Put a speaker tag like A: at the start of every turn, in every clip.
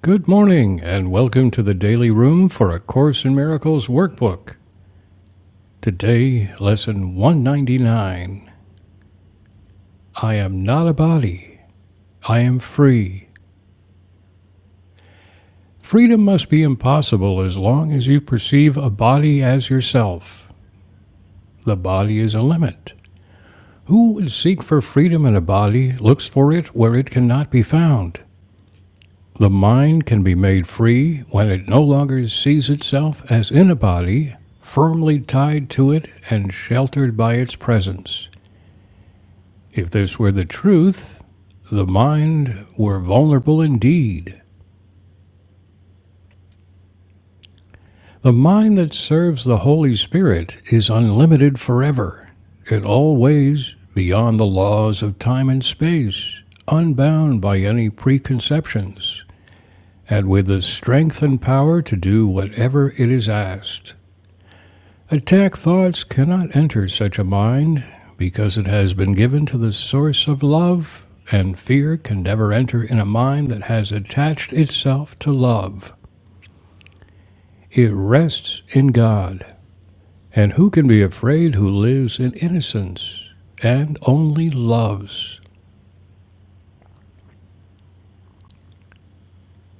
A: Good morning, and welcome to the Daily Room for A Course in Miracles workbook. Today, lesson 199 I am not a body, I am free. Freedom must be impossible as long as you perceive a body as yourself. The body is a limit. Who would seek for freedom in a body looks for it where it cannot be found. The mind can be made free when it no longer sees itself as in a body, firmly tied to it and sheltered by its presence. If this were the truth, the mind were vulnerable indeed. The mind that serves the Holy Spirit is unlimited forever, in all ways beyond the laws of time and space, unbound by any preconceptions, and with the strength and power to do whatever it is asked. Attack thoughts cannot enter such a mind because it has been given to the source of love, and fear can never enter in a mind that has attached itself to love. It rests in God. And who can be afraid who lives in innocence and only loves?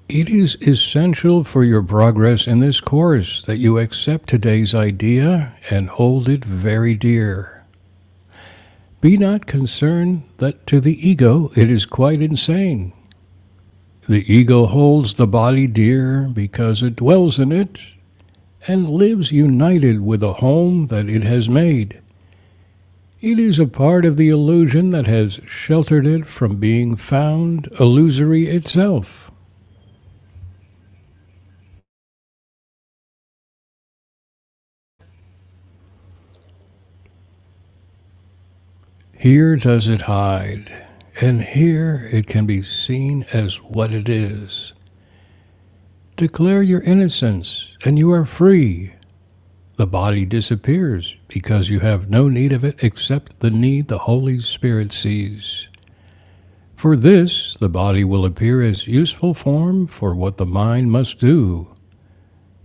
A: It is essential for your progress in this course that you accept today's idea and hold it very dear. Be not concerned that to the ego it is quite insane. The ego holds the body dear because it dwells in it and lives united with a home that it has made. It is a part of the illusion that has sheltered it from being found illusory itself. Here does it hide, and here it can be seen as what it is. Declare your innocence, and you are free. The body disappears because you have no need of it except the need the Holy Spirit sees. For this, the body will appear as useful form for what the mind must do.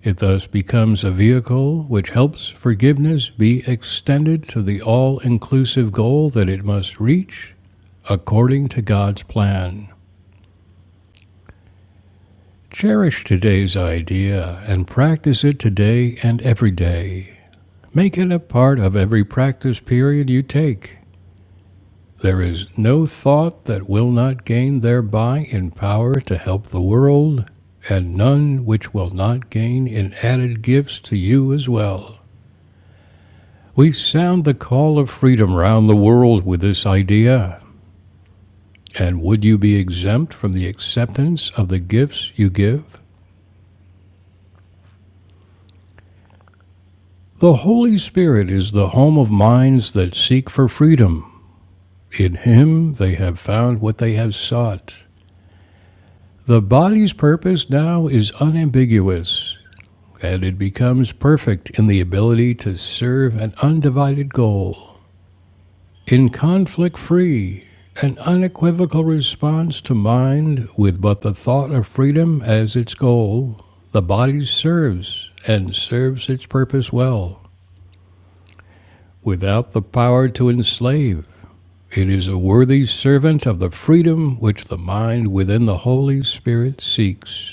A: It thus becomes a vehicle which helps forgiveness be extended to the all inclusive goal that it must reach according to God's plan. Cherish today's idea and practice it today and every day. Make it a part of every practice period you take. There is no thought that will not gain thereby in power to help the world, and none which will not gain in added gifts to you as well. We sound the call of freedom round the world with this idea. And would you be exempt from the acceptance of the gifts you give? The Holy Spirit is the home of minds that seek for freedom. In Him they have found what they have sought. The body's purpose now is unambiguous. and it becomes perfect in the ability to serve an undivided goal, in conflict free, an unequivocal response to mind with but the thought of freedom as its goal. The body serves and serves its purpose well, without the power to enslave. It is a worthy servant of the freedom which the mind within the Holy Spirit seeks.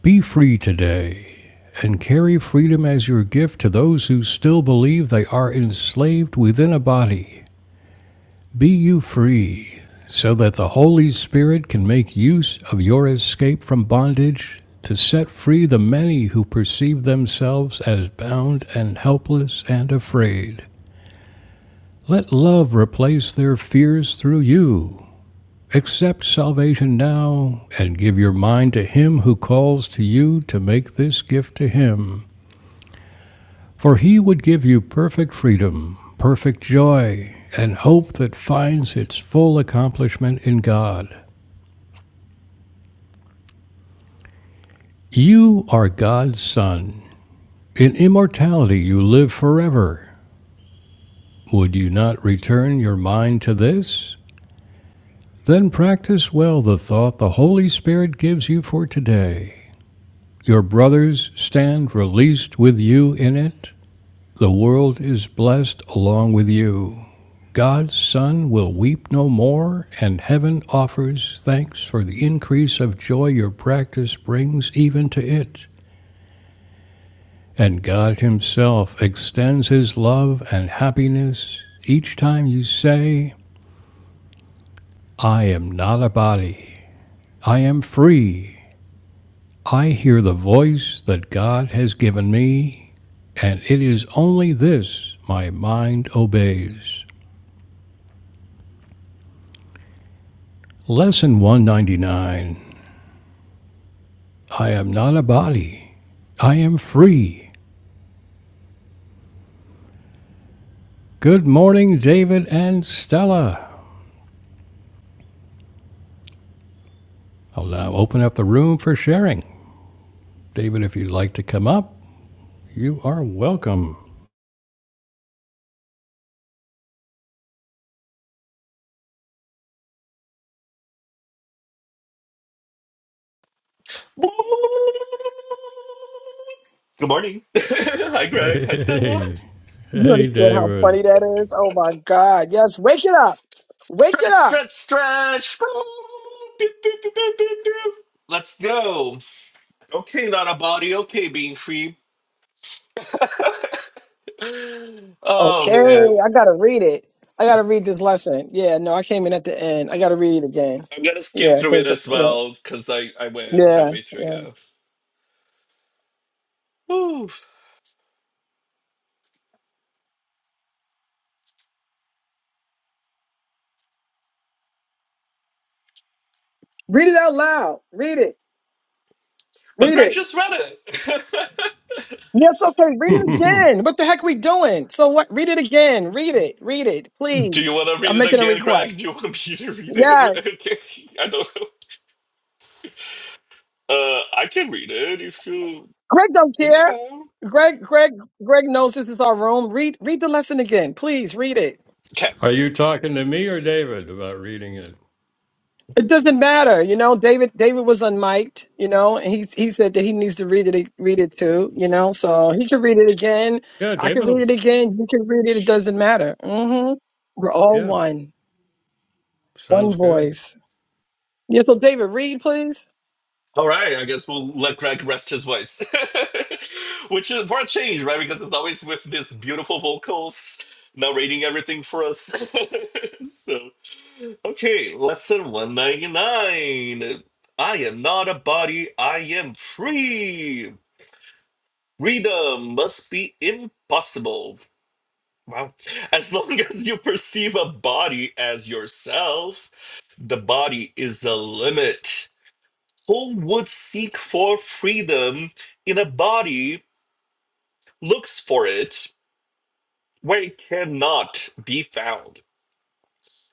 A: Be free today and carry freedom as your gift to those who still believe they are enslaved within a body. Be you free so that the Holy Spirit can make use of your escape from bondage to set free the many who perceive themselves as bound and helpless and afraid. Let love replace their fears through you. Accept salvation now and give your mind to Him who calls to you to make this gift to Him. For he would give you perfect freedom, perfect joy, and hope that finds its full accomplishment in God. You are God's Son. In immortality you live forever. Would you not return your mind to this? Then practice well the thought the Holy Spirit gives you for today. Your brothers stand released with you in it. The world is blessed along with you. God's Son will weep no more, and heaven offers thanks for the increase of joy your practice brings even to it. And God Himself extends His love and happiness each time you say, I am not a body, I am free. I hear the voice that God has given me, and it is only this my mind obeys. Lesson 199 I am not a body. I am free. Good morning, David and Stella. I'll now open up the room for sharing. David, if you'd like to come up, you are welcome.
B: Good morning. Hi,
A: Hey,
B: Greg. Hi, Stella.
A: hey,
C: You
A: hey,
C: understand how
A: David.
C: funny that is? Oh my God. Yes, wake it up. Wake it
B: Stretch,
C: up.
B: stretch, stretch. Beep, beep, beep, beep, beep, beep. Let's go. Okay, not a body. Okay, being free. oh
C: Okay,
B: man,
C: I gotta read it. I gotta read this lesson. Yeah, no, I came in at the end. I gotta read it again.
B: I'm gonna skim
C: Yeah,
B: through it
C: because,
B: as
C: yeah,
B: well because I I went
C: yeah,
B: halfway through.
C: yeah.
B: Yeah. Whew.
C: Read it out loud. Read it.
B: But
C: Read
B: Greg
C: it.
B: just read it.
C: Yes, okay, read it again. What the heck we doing? So what? Read it again. Read it. Read it,
B: Do you
C: please.
B: want to read
C: I'm
B: it
C: making a
B: again, Greg? Do
C: request.
B: you want me to read
C: Yes.
B: it? okay. I don't know. Uh, I can read it if you.
C: Greg don't care.
B: Okay.
C: Greg, Greg, Greg knows this is our room. Read, read the lesson again. Please read it.
B: Okay.
A: Are you talking to me or David about reading it?
C: It doesn't matter, you know. David David was unmiked, you know, and he he said that he needs to read it read it too, you know. So he can read it again.
A: Yeah,
C: I can
A: David.
C: read
A: Will,
C: it again. You can read it. It doesn't matter. hmm We're all
A: yeah,
C: one, one
A: sounds good.
C: voice. Yeah. So David, read please.
B: All right, I guess we'll let Greg rest his voice, which is for a change, right? Because it's always with this beautiful vocals narrating everything for us. so, okay, lesson 199. I am not a body, I am free. Freedom must be impossible. Wow. As long as you perceive a body as yourself, the body is the limit. Who would seek for freedom in a body looks for it where it cannot be found?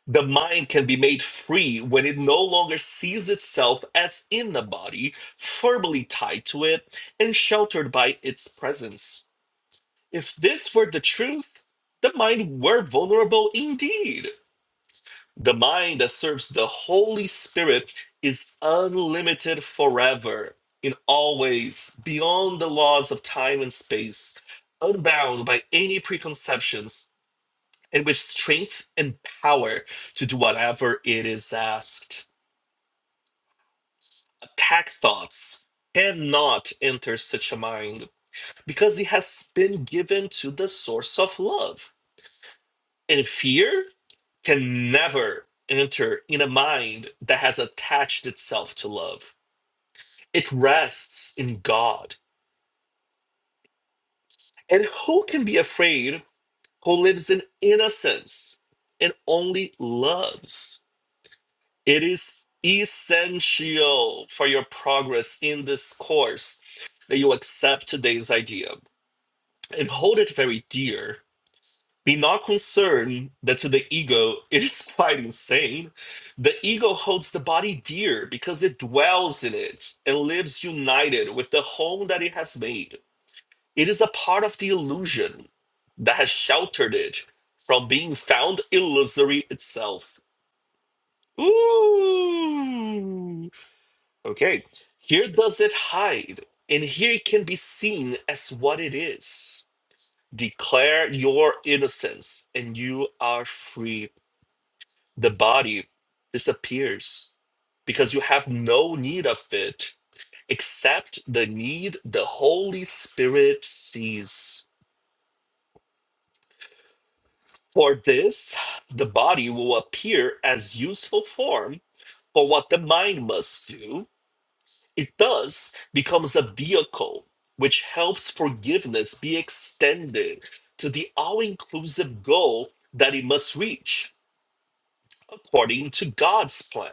B: The mind can be made free when it no longer sees itself as in the body, firmly tied to it and sheltered by its presence. If this were the truth, the mind were vulnerable indeed The mind that serves the Holy Spirit is unlimited forever, in all ways, beyond the laws of time and space, unbound by any preconceptions, and with strength and power to do whatever it is asked. Attack thoughts cannot enter such a mind because it has been given to the source of love. And fear can never enter in a mind that has attached itself to love. It rests in God. And who can be afraid who lives in innocence and only loves? It is essential for your progress in this course that you accept today's idea and hold it very dear Be not concerned that to the ego it is quite insane. The ego holds the body dear because it dwells in it and lives united with the whole that it has made. It is a part of the illusion that has sheltered it from being found illusory itself. Ooh. Okay, here does it hide, and here it can be seen as what it is. Declare your innocence, and you are free. the body disappears because you have no need of it except the need the Holy Spirit sees. For this, the body will appear as useful form for what the mind must do. It thus becomes a vehicle which helps forgiveness be extended to the all inclusive goal that it must reach according to God's plan.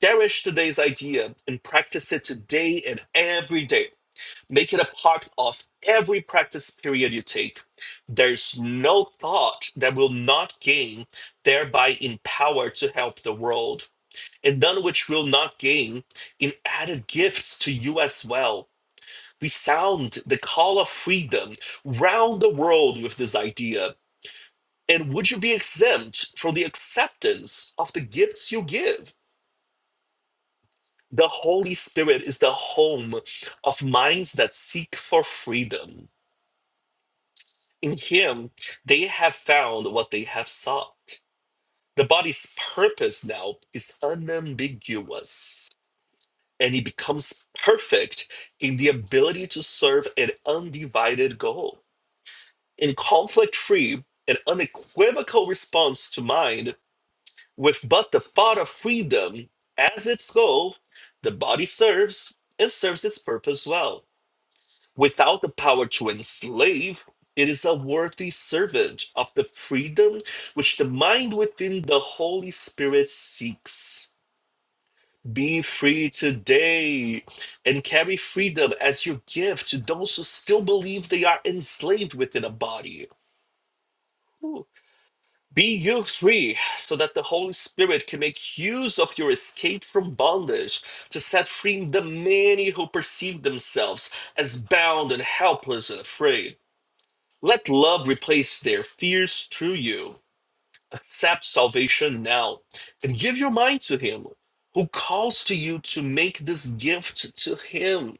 B: Cherish today's idea and practice it today and every day. Make it a part of every practice period you take. There's no thought that will not gain, thereby in power to help the world, and none which will not gain in added gifts to you as well. We sound the call of freedom round the world with this idea. And would you be exempt from the acceptance of the gifts you give? The Holy Spirit is the home of minds that seek for freedom. In Him, they have found what they have sought. The body's purpose now is unambiguous, and it becomes perfect in the ability to serve an undivided goal. In conflict free and unequivocal response to mind, with but the thought of freedom as its goal, the body serves and serves its purpose well. Without the power to enslave, it is a worthy servant of the freedom which the mind within the Holy Spirit seeks. Be free today and carry freedom as your gift to those who still believe they are enslaved within a body. Ooh. Be you free so that the Holy Spirit can make use of your escape from bondage to set free the many who perceive themselves as bound and helpless and afraid. Let love replace their fears through you. Accept salvation now and give your mind to Him who calls to you to make this gift to Him.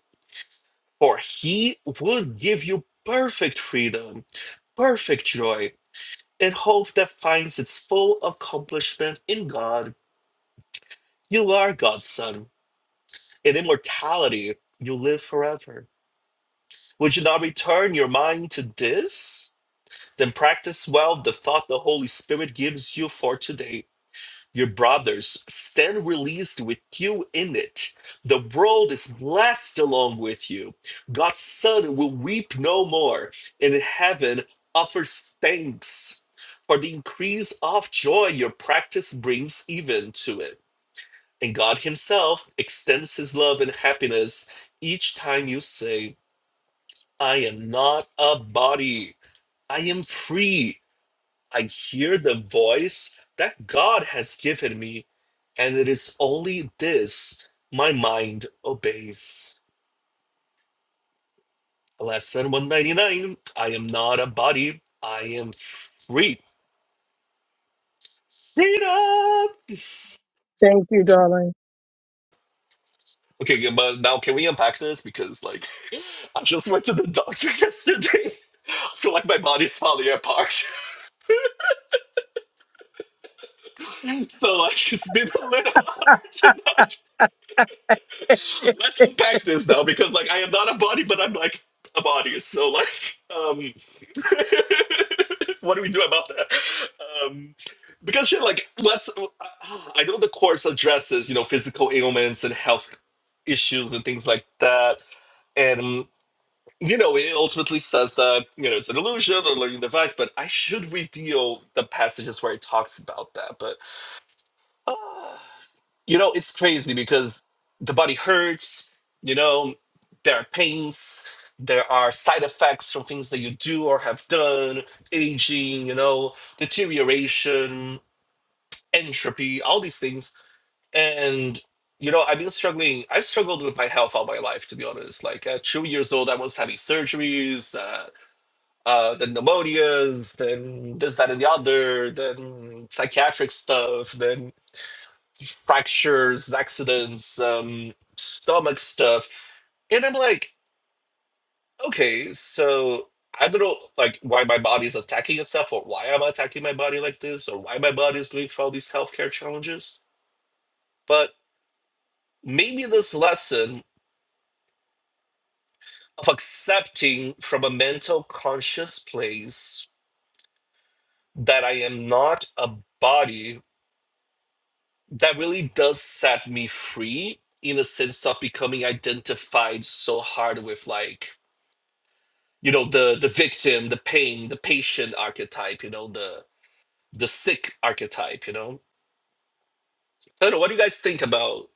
B: For He would give you perfect freedom, perfect joy, and hope that finds its full accomplishment in God. You are God's Son. In immortality, you live forever. Would you not return your mind to this? Then practice well the thought the Holy Spirit gives you for today Your brothers stand released with you in it. The world is blessed along with you. God's Son will weep no more, and heaven offers thanks for the increase of joy your practice brings even to it. And God Himself extends His love and happiness each time you say, I am not a body, I am free. I hear the voice that God has given me, and it is only this my mind obeys. Lesson 199 I am not a body, I am free. Freedom!
C: Thank you, darling.
B: Okay, good, but now can we unpack this? Because, like, I just went to the doctor yesterday. I feel like my body's falling apart. So, like, it's been a little hard tonight. let's unpack this now because like I am not a body, but I'm like a body. So like, um, what do we do about that? Um, because shit, like, let's. uh, I know the course addresses you know physical ailments and health issues and things like that, and you know it ultimately says that you know it's an illusion or learning device. But I should reveal the passages where it talks about that, but. uh, you know, it's crazy because the body hurts, you know, there are pains, there are side effects from things that you do or have done, aging, you know, deterioration, entropy, all these things. And, you know, I've been struggling. I've struggled with my health all my life, to be honest. Like at two years old, I was having surgeries, uh, uh, then pneumonias, then this, that, and the other, then psychiatric stuff, then fractures, accidents, um, stomach stuff. And I'm like, okay, so I don't know like why my body's attacking itself or why I'm attacking my body like this or why my body is going through all these healthcare challenges. But maybe this lesson of accepting from a mental conscious place that I am not a body that really does set me free in the sense of becoming identified so hard with like you know the the victim the pain the patient archetype you know the the sick archetype you know i don't know what do you guys think about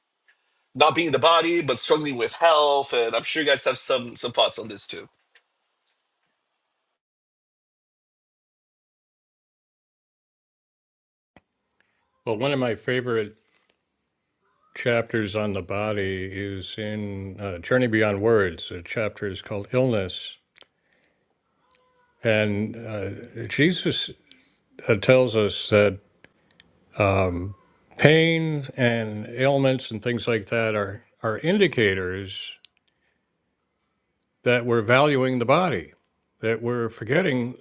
B: not being the body but struggling with health and i'm sure you guys have some some thoughts on this too
A: Well, one of my favorite chapters on the body is in uh, Journey Beyond Words. The chapter is called Illness, and uh, Jesus uh, tells us that um, pain and ailments and things like that are are indicators that we're valuing the body, that we're forgetting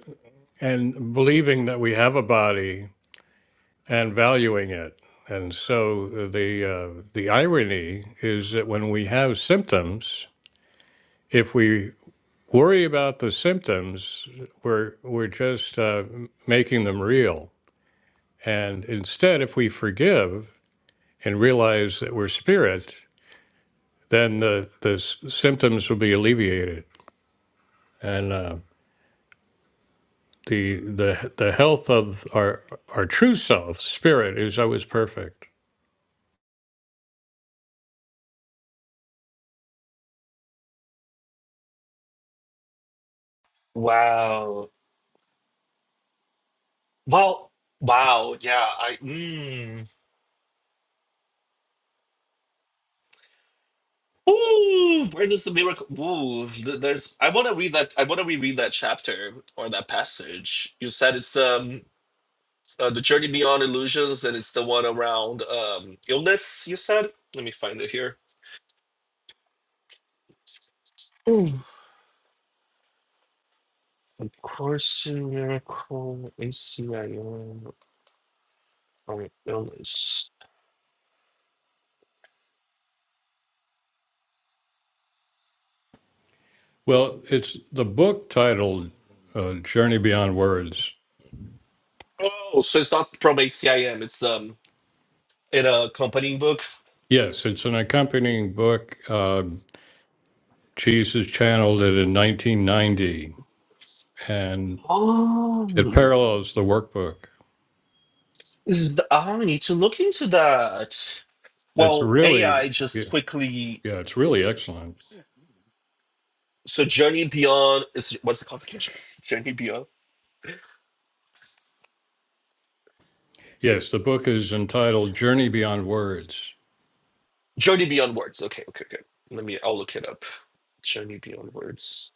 A: and believing that we have a body and valuing it. And so uh, the uh, the irony is that when we have symptoms, if we worry about the symptoms, we're we're just uh, making them real. And instead, if we forgive and realize that we're spirit, then the the symptoms will be alleviated, and uh, the the the health of our our true self, spirit, is always perfect.
B: Wow. Well, wow. Yeah. I. Mm. Ooh, where does the miracle? Ooh, th- there's. I want to read that. I want to reread that chapter or that passage. You said it's um uh, the journey beyond illusions, and it's the one around um illness. You said. Let me find it here. Miracle ACIM or illness.
A: Well, it's the book titled uh, "Journey Beyond Words."
B: Oh, so it's not from ACIM. It's um in a company book.
A: Yes, it's an accompanying book. Um Jesus channeled it in 1990, and it
B: Oh,
A: parallels the workbook.
B: this is the, I need to look into that.
A: It's
B: Well, AI
A: really
B: just
A: yeah,
B: quickly.
A: yeah, it's really excellent.
B: So Journey Beyond is what's the classification? Journey Beyond.
A: Yes, the book is entitled Journey Beyond Words.
B: Journey Beyond Words. Okay, okay, okay. Let me. I'll look it up. Journey Beyond Words.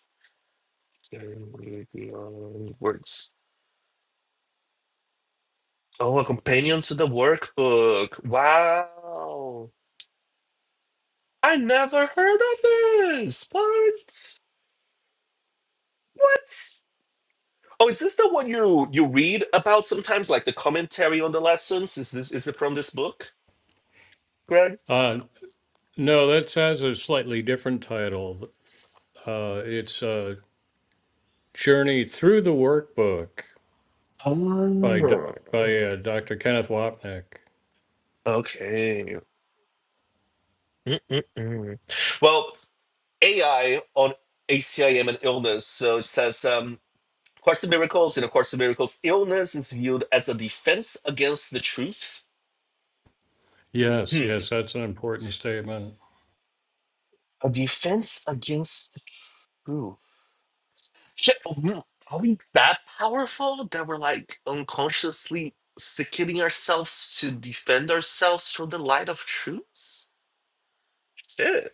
B: Journey Beyond Words. Oh, a companion to the workbook. Wow. I never heard of this. What? What? Oh, is this the one you you read about sometimes, like the commentary on the lessons? Is this is it from this book, Greg?
A: Uh, no, that has a slightly different title. Uh, it's uh, Journey Through the Workbook by Do-
B: Oh,
A: by uh, Dr. Kenneth Wapnick.
B: okay. Mm-mm-mm. Well, AI on ACIM and illness. So it says, um, Course in Miracles, in A Course in Miracles, illness is viewed as a defense against the truth.
A: Yes,
B: Hmm.
A: yes, that's an important statement.
B: A defense against the truth. Shit, are we are we that powerful that we're like unconsciously sickening ourselves to defend ourselves from the light of truth? Shit.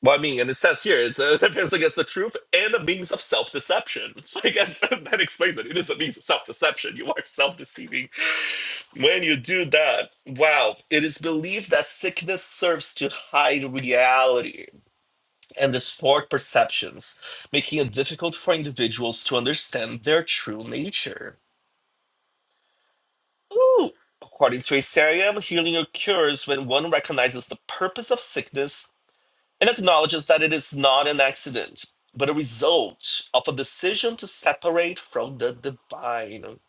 B: Well, I mean, and it says here, it's a defense against the truth and a means of self deception. So I guess that explains it. It is a means of self deception. You are self deceiving. When you do that, wow, it is believed that sickness serves to hide reality. and distort perceptions, making it difficult for individuals to understand their true nature. Ooh. According to Asarium, healing occurs when one recognizes the purpose of sickness and acknowledges that it is not an accident, but a result of a decision to separate from the divine.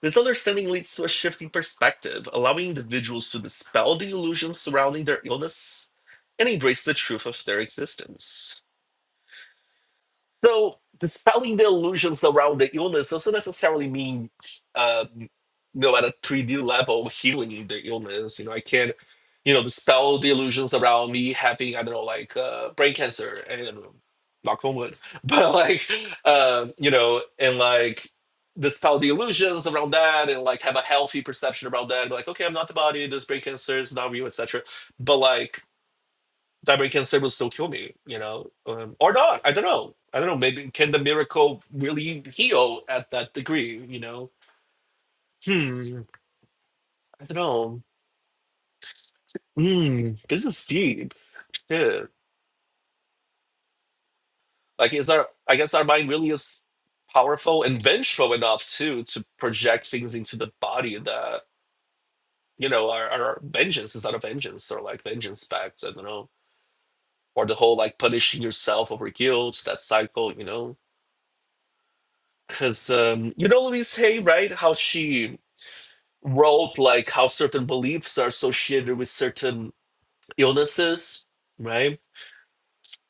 B: This understanding leads to a shift in perspective, allowing individuals to dispel the illusions surrounding their illness and embrace the truth of their existence. So dispelling the illusions around the illness doesn't necessarily mean, um, you know, at a 3D level, healing the illness. You know, I can't, you know, dispel the illusions around me having, I don't know, like uh, brain cancer and knock on wood, but like, uh, you know, and like dispel the illusions around that and like have a healthy perception around that. Be like, okay, I'm not the body. This brain cancer is not real, etc. But like Diamond Cancer will still kill me, you know, um, or not. I don't know. I don't know. Maybe can the miracle really heal at that degree? You know, hmm. I don't know. Hmm. This is deep. Yeah. Like, is our I guess our mind really is powerful and vengeful enough too to project things into the body that you know our, our vengeance is not a vengeance or like vengeance back. I don't know. Or the whole like punishing yourself over guilt that cycle. You know, because um, you know Louise Hay, right? How she wrote like how certain beliefs are associated with certain illnesses, right?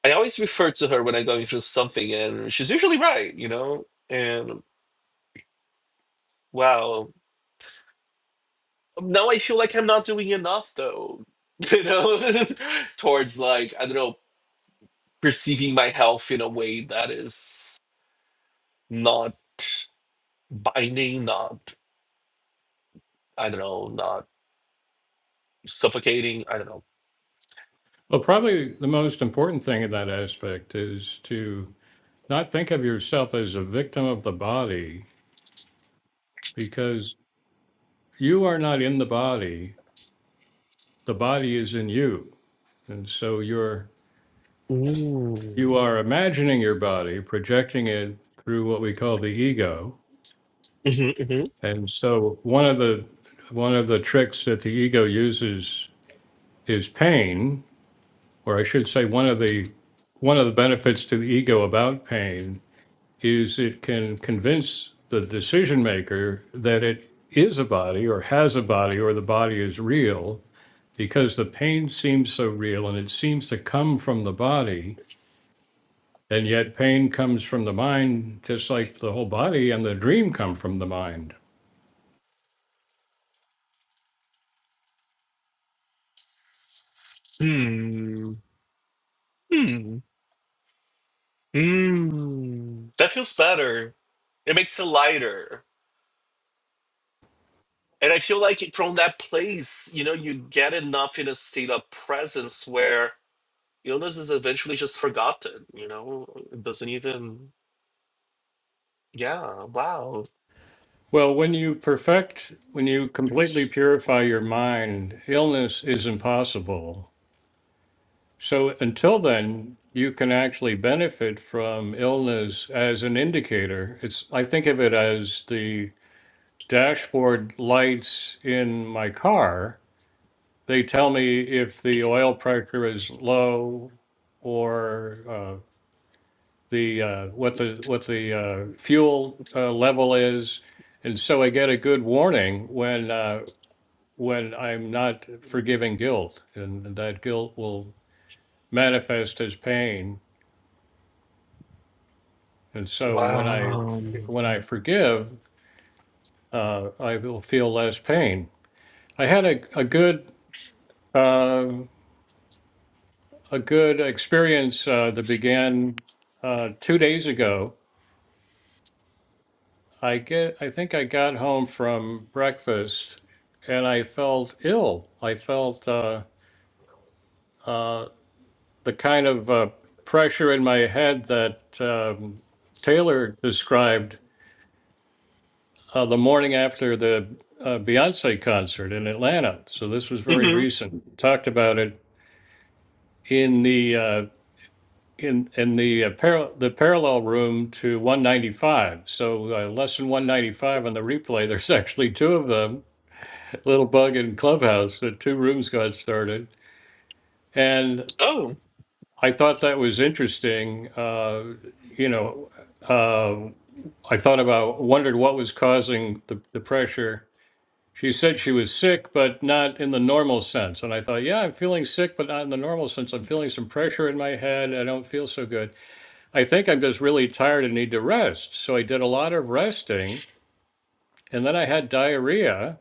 B: I always refer to her when I'm going through something, and she's usually right, you know? And wow. Now I feel like I'm not doing enough, though, you know, towards like, I don't know, perceiving my health in a way that is not binding, not, I don't know, not suffocating. I don't
A: Well, probably the most important thing in that aspect is to not think of yourself as a victim of the body because you are not in the body, the body is in you. And so you're
B: know. Ooh.
A: you are imagining your body, projecting it through what we call the ego.
B: hmm hmm
A: And so one of the one of the tricks that the ego uses is pain, or I should say one of the one of the benefits to the ego about pain is it can convince the decision maker that it is a body or has a body or the body is real because the pain seems so real and it seems to come from the body And yet pain comes from the mind just like the whole body and the dream come from the mind.
B: Hmm. Hmm. Mm, that feels better. It makes it lighter. And I feel like from that place, you know, you get enough in a state of presence where illness is eventually just forgotten, you know? It doesn't even, yeah, wow.
A: Well, when you perfect, when you completely purify your mind, illness is impossible. So until then, you can actually benefit from illness as an indicator. It's I think of it as the dashboard lights in my car. They tell me if the oil pressure is low or uh, the, uh, what the, what the, uh, fuel, uh, level is. And so I get a good warning when, uh, when I'm not forgiving guilt and that guilt will manifest as pain. And so when I,
B: Wow.
A: when I forgive, uh, I will feel less pain. I had a, a good, uh, a good experience, uh, that began, uh, two days ago I get I think I got home from breakfast and I felt ill. I felt uh, uh, the kind of uh, pressure in my head that um, Taylor described uh, the morning after the uh, Beyonce concert in Atlanta. So this was very
B: hmm
A: recent. Talked about it in the uh, in in the uh, par- the parallel room to 195. So uh, lesson 195 on the replay. There's actually two of them little bug in Clubhouse that two rooms got started. And
B: Oh.
A: I thought that was interesting. Uh, you know, uh, I thought about, wondered what was causing the, the pressure. She said she was sick, but not in the normal sense. And I thought, yeah, I'm feeling sick, but not in the normal sense. I'm feeling some pressure in my head. I don't feel so good. I think I'm just really tired and need to rest. So I did a lot of resting. And then I had diarrhea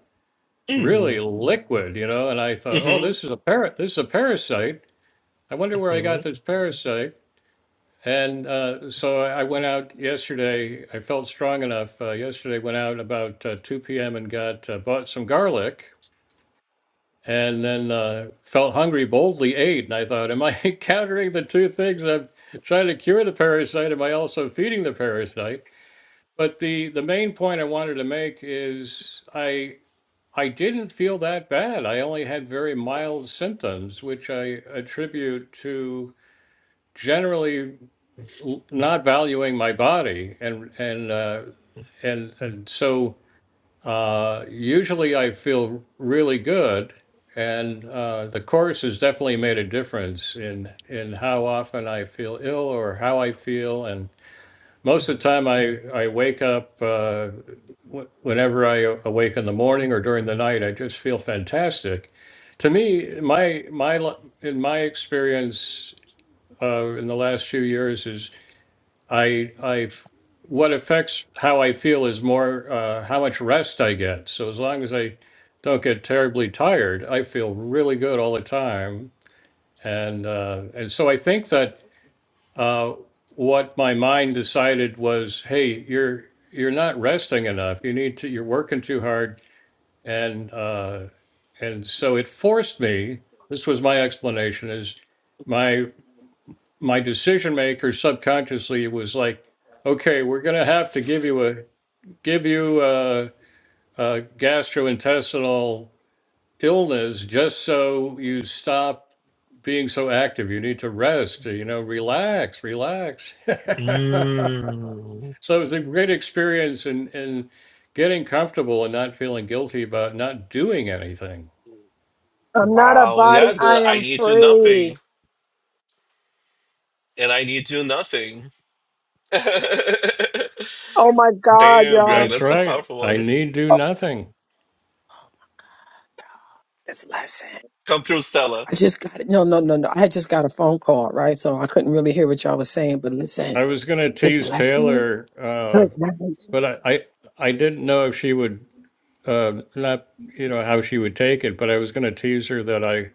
B: Mm-hmm.
A: really liquid, you know, and I thought, "Oh, this
B: hmm
A: is a parrot. This is a parasite. I wonder where I got this parasite." And uh, so I I went out yesterday. I felt strong enough uh, yesterday. Went out about uh, 2 p.m. and got uh, bought some garlic, and then uh, felt hungry. Boldly ate, and I thought, "Am I countering the two things? I'm trying to cure the parasite. Am I also feeding the parasite?" But the the main point I wanted to make is I. I didn't feel that bad. I only had very mild symptoms, which I attribute to generally l- not valuing my body, and and uh, and and so uh, usually I feel really good, and uh, the course has definitely made a difference in in how often I feel ill or how I feel, And most of the time I, I wake up uh, wh- whenever I awake in the morning or during the night, I just feel fantastic. To me, my my li- in my experience uh, in the last few years is I I've what affects how I feel is more uh, how much rest I get. So as long as I don't get terribly tired, I feel really good all the time. And uh, and so I think that uh, what my mind decided was, hey, you're you're not resting enough. You need to. You're working too hard, and uh, and so it forced me. This was my explanation: is my my decision maker subconsciously was like, okay, we're gonna have to give you a give you a, a gastrointestinal illness just so you stop being so active you need to rest you know relax relax
B: Mm.
A: So it was a great experience in in getting comfortable and not feeling guilty about not doing anything.
C: I'm not a
B: Wow.
C: body.
B: Yeah,
C: I
B: the I
C: am
B: need to
C: free.
B: nothing and I need to nothing. Damn,
C: Oh my God, y'all.
B: Greg,
A: That's
B: that's a
A: right.
B: powerful
A: I
B: one.
A: need do
C: Oh,
A: nothing.
C: This lesson.
B: Come through, Stella.
C: I just got it. No, no, no, no. I had just got a phone call, right? So I couldn't really hear what y'all was saying, but listen,
A: I was going to
C: this
A: tease
C: lesson.
A: Taylor, uh,
C: Good night.
A: but I, I I didn't know if she would uh, not you know how she would take it. But I was going to tease her that I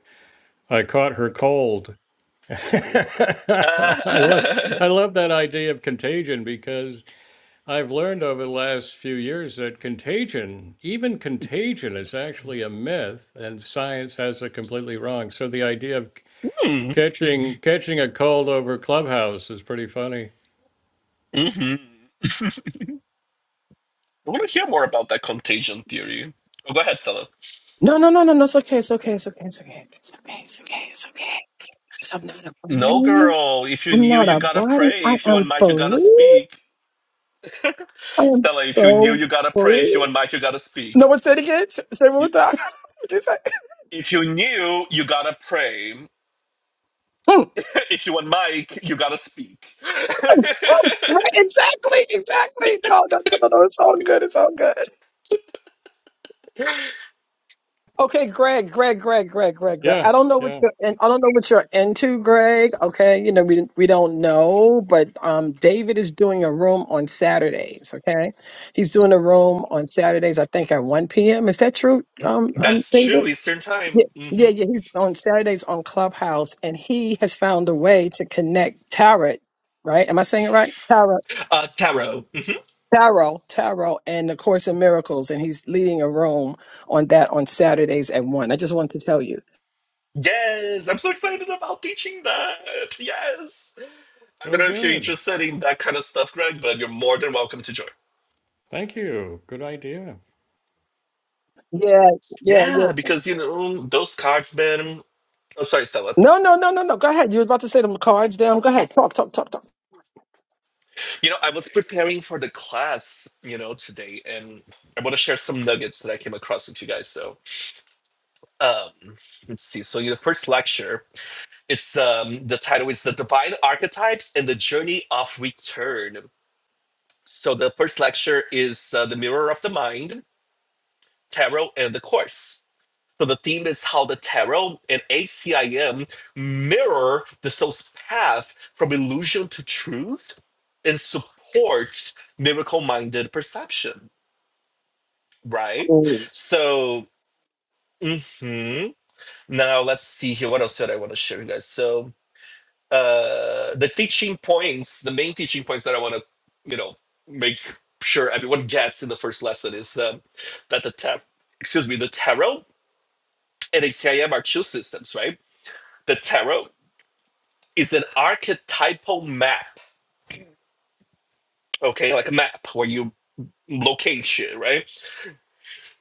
A: I caught her cold. I love
B: Uh,
A: I love that idea of contagion because I've learned over the last few years that contagion, even contagion, is actually a myth, and science has it completely wrong. So the idea of c-
B: hmm.
A: catching catching a cold over Clubhouse is pretty funny.
B: hmm I want to hear more about that contagion theory. Oh, go ahead, Stella.
C: No, no, no, no, no. It's okay. It's okay. It's okay. It's okay. It's okay. It's okay. It's okay. Because I'm not a
B: No,
C: body.
B: girl. If you
C: I'm
B: knew,
C: not
B: you
C: a
B: gotta
C: body.
B: pray. If
C: I
B: you
C: am
B: want Mike, you gotta
C: free.
B: speak.
C: I am
B: Stella, if you knew,
C: so
B: you gotta pray. If you
C: free.
B: want Mike, you gotta speak.
C: No one said it again. Say say it one
B: You,
C: more time. What'd you say?
B: if you knew, you gotta pray.
C: Hmm.
B: if you want Mike, you gotta speak.
C: Oh, oh, right, exactly. Exactly. No, no, no, no, no. It's all good. It's all good. Okay, Greg, Greg, Greg, Greg, Greg, Greg.
A: Yeah,
C: I don't know what
A: yeah.
C: you're in, I don't know what you're into, Greg. Okay, you know we we don't know, but um, David is doing a room on Saturdays. Okay, he's doing a room on Saturdays. I think at one p.m. Is that true, um, um
B: That's
C: David?
B: true. Eastern time.
C: Yeah, yeah,
B: hmm
C: yeah. He's on Saturdays on Clubhouse, and he has found a way to connect tarot. Right? Am I saying it right? Tarot.
B: Uh, tarot.
C: Tarot, tarot, and the Course in Miracles, and he's leading a room on that on Saturdays at one. I just wanted to tell you.
B: Yes, I'm so excited about teaching that. Yes. I
A: Oh,
B: don't know if you're
A: good.
B: interested in that kind of stuff, Greg, but you're more than welcome to join.
A: Thank you. Good idea.
C: Yeah, yeah, yeah.
B: Yeah, because you know those cards, man. Oh, sorry, Stella.
C: No, no, no, no, no. Go ahead. You were about to say them cards down. Go ahead. Talk, talk, talk, talk.
B: You know, I was preparing for the class, you know, today, and I want to share some nuggets that I came across with you guys. So, um, let's see. So, the first lecture, it's um, the title is "The Divine Archetypes and the Journey of Return." So, the first lecture is uh, "The Mirror of the Mind," Tarot, and the Course. So the theme is how the tarot and ACIM mirror the soul's path from illusion to truth and supports miracle-minded perception, right?
C: Mm.
B: So mhm. now let's see here. What else did I want to share, you guys? So uh the teaching points, the main teaching points that I want to, you know, make sure everyone gets in the first lesson is um, that the tar- excuse me, the tarot and ACIM are two systems, right? The tarot is an archetypal map, okay, like a map where you locate shit, right?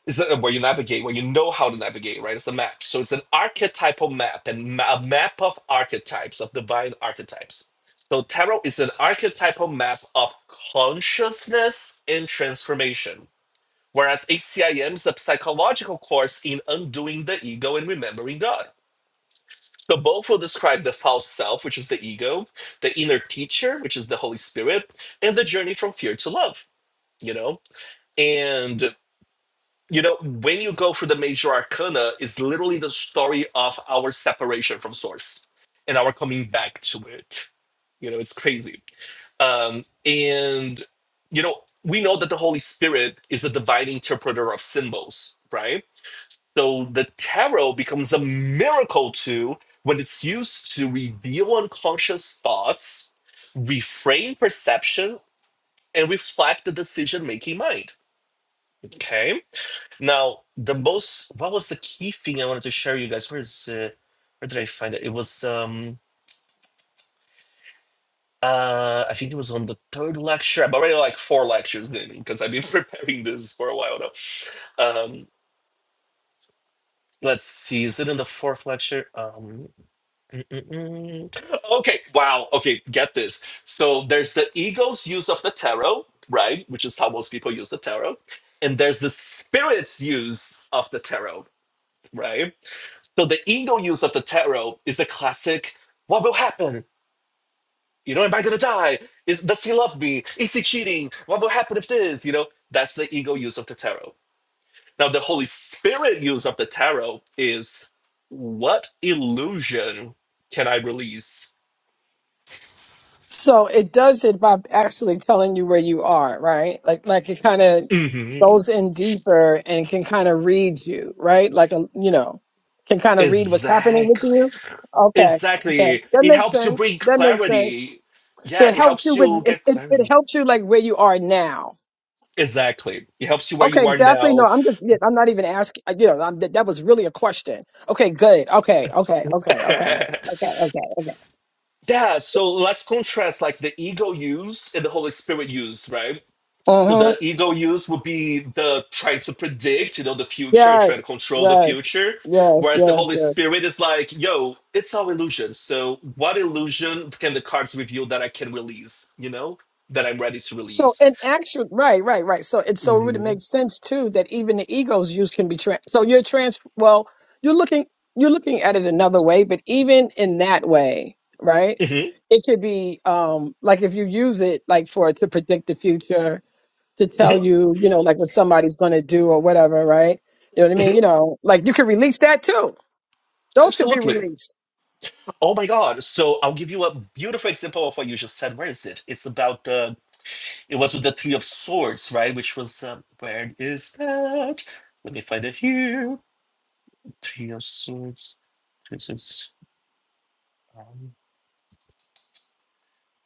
B: Is that where you navigate, where you know how to navigate, right? It's a map. So it's an archetypal map and ma- a map of archetypes, of divine archetypes. So tarot is an archetypal map of consciousness and transformation, whereas ACIM is a psychological course in undoing the ego and remembering God. So both will describe the false self, which is the ego, the inner teacher, which is the Holy Spirit, and the journey from fear to love, you know? And you know, when you go through the major arcana, is literally the story of our separation from source and our coming back to it. You know, it's crazy. Um, and you know, we know that the Holy Spirit is the divine interpreter of symbols, right? So the tarot becomes a miracle tool when it's used to reveal unconscious thoughts, reframe perception, and reflect the decision making mind. Okay. Now, the most, what was the key thing I wanted to share you guys? Where is it? Where did I find it? It was, um, uh, I think it was on the third lecture. I'm already like four lectures in because I've been preparing this for a while now. Um, let's see, is it in the fourth lecture? Um. Mm-mm-mm. Okay, wow. Okay, get this. So there's the ego's use of the tarot, right? Which is how most people use the tarot. And there's the spirit's use of the tarot, right? So the ego use of the tarot is the classic what will happen? You know, am I gonna die? Is does he love me? Is he cheating? What will happen if this? You know, that's the ego use of the tarot. Now the Holy Spirit use of the tarot is what illusion can I release?
C: So it does it by actually telling you where you are, right? Like, like it kind of
B: Mhm.
C: goes in deeper and can kind of read you, right? Like, a, you know, can kind of read what's happening with
B: Exactly.
C: you. Okay, okay,
B: Exactly.
C: that
B: It
C: makes
B: helps you
C: sense.
B: bring
C: That makes sense.
B: clarity.
C: So
B: Yeah,
C: it
B: it
C: helps
B: helps
C: you with
B: you
C: it,
B: get
C: it. It
B: clarity.
C: helps you like where you are now
B: Exactly. It helps you where
C: Okay,
B: you are
C: exactly. No,
B: now.
C: I'm just, yeah, I'm not even asking, uh, you know, I'm, that, that was really a question. Okay, good. Okay, okay, okay, okay,
B: yeah,
C: okay, okay, okay.
B: so let's contrast like the ego use and the Holy Spirit use, right? So
C: Uh-huh.
B: the ego use would be the trying to predict, you know, the future and trying
C: Yes,
B: to control the
C: yes,
B: future.
C: yes,
B: Whereas the
C: yes,
B: Holy
C: yes.
B: Spirit is like, yo, it's all illusion. So what illusion can the cards reveal that I can release, you know, that I'm ready to
C: So,
B: release?
C: in actual, right, right, right. So, it, so it would make sense too that even the ego's use can be trans. So you're trans, well, you're looking, you're looking at it another way, but even in that way, right?
B: Mhm,
C: It could be, um, like if you use it, like for, to predict the future to tell
B: mhm,
C: you, you know, like what somebody's going to do or whatever, right? You know what I mean?
B: mhm.
C: You know, like you can release that too. Those could be
B: Absolutely.
C: released.
B: Oh my God. So I'll give you a beautiful example of what you just said. Where is it? It's about the, it was with the Three of Swords, right? Which was, um, where is that? Let me find it here. Three of Swords. This is, um,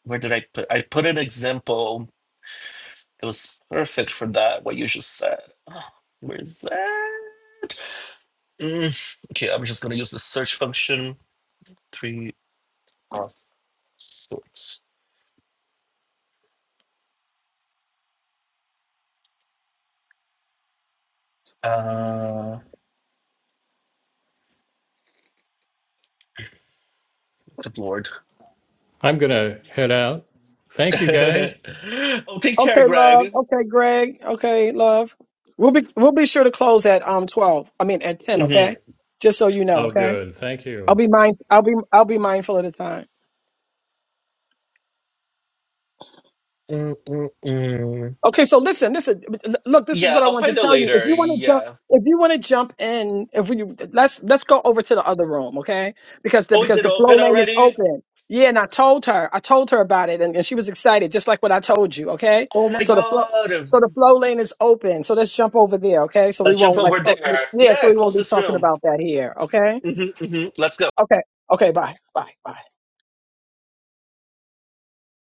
B: where did I put, I put an example that was perfect for that, what you just said. Oh, where is that? Mm, okay, I'm just going to use the search function. Three of Swords. Uh, good Lord.
A: I'm gonna head out. Thank you, guys.
B: oh, take care,
C: Okay, love.
B: Greg.
C: Okay, Greg. Okay, love. We'll be we'll be sure to close at um twelve. I mean at ten. Okay,
B: Mhm.
C: just so you know.
A: Oh,
C: Okay,
A: good. Thank
C: I'll
A: you.
C: be mind. I'll be I'll be mindful of the time.
B: mm mm mm.
C: Okay, so listen, listen. Look, this is
B: Yeah,
C: what I
B: I'll
C: want to
B: find it
C: tell you. If
B: later.
C: you want to jump,
B: Yeah.
C: if you want to jump in, if we let's let's go over to the other room, okay? Because the
B: Oh, is
C: because
B: it
C: the
B: open
C: flow lane is
B: already?
C: open. Yeah, and I told her, I told her about it, and, and she was excited, just like what I told you, okay?
B: Oh my
C: So the flow,
B: god.
C: so the flow lane is open. So let's jump over there, okay? So we
B: Let's jump
C: won't like,
B: over
C: talk-
B: there.
C: yeah, so
B: Yeah,
C: we won't
B: close
C: be
B: this
C: talking
B: room.
C: about that here, okay?
B: hmm hmm Let's go.
C: Okay, okay, bye, bye, bye.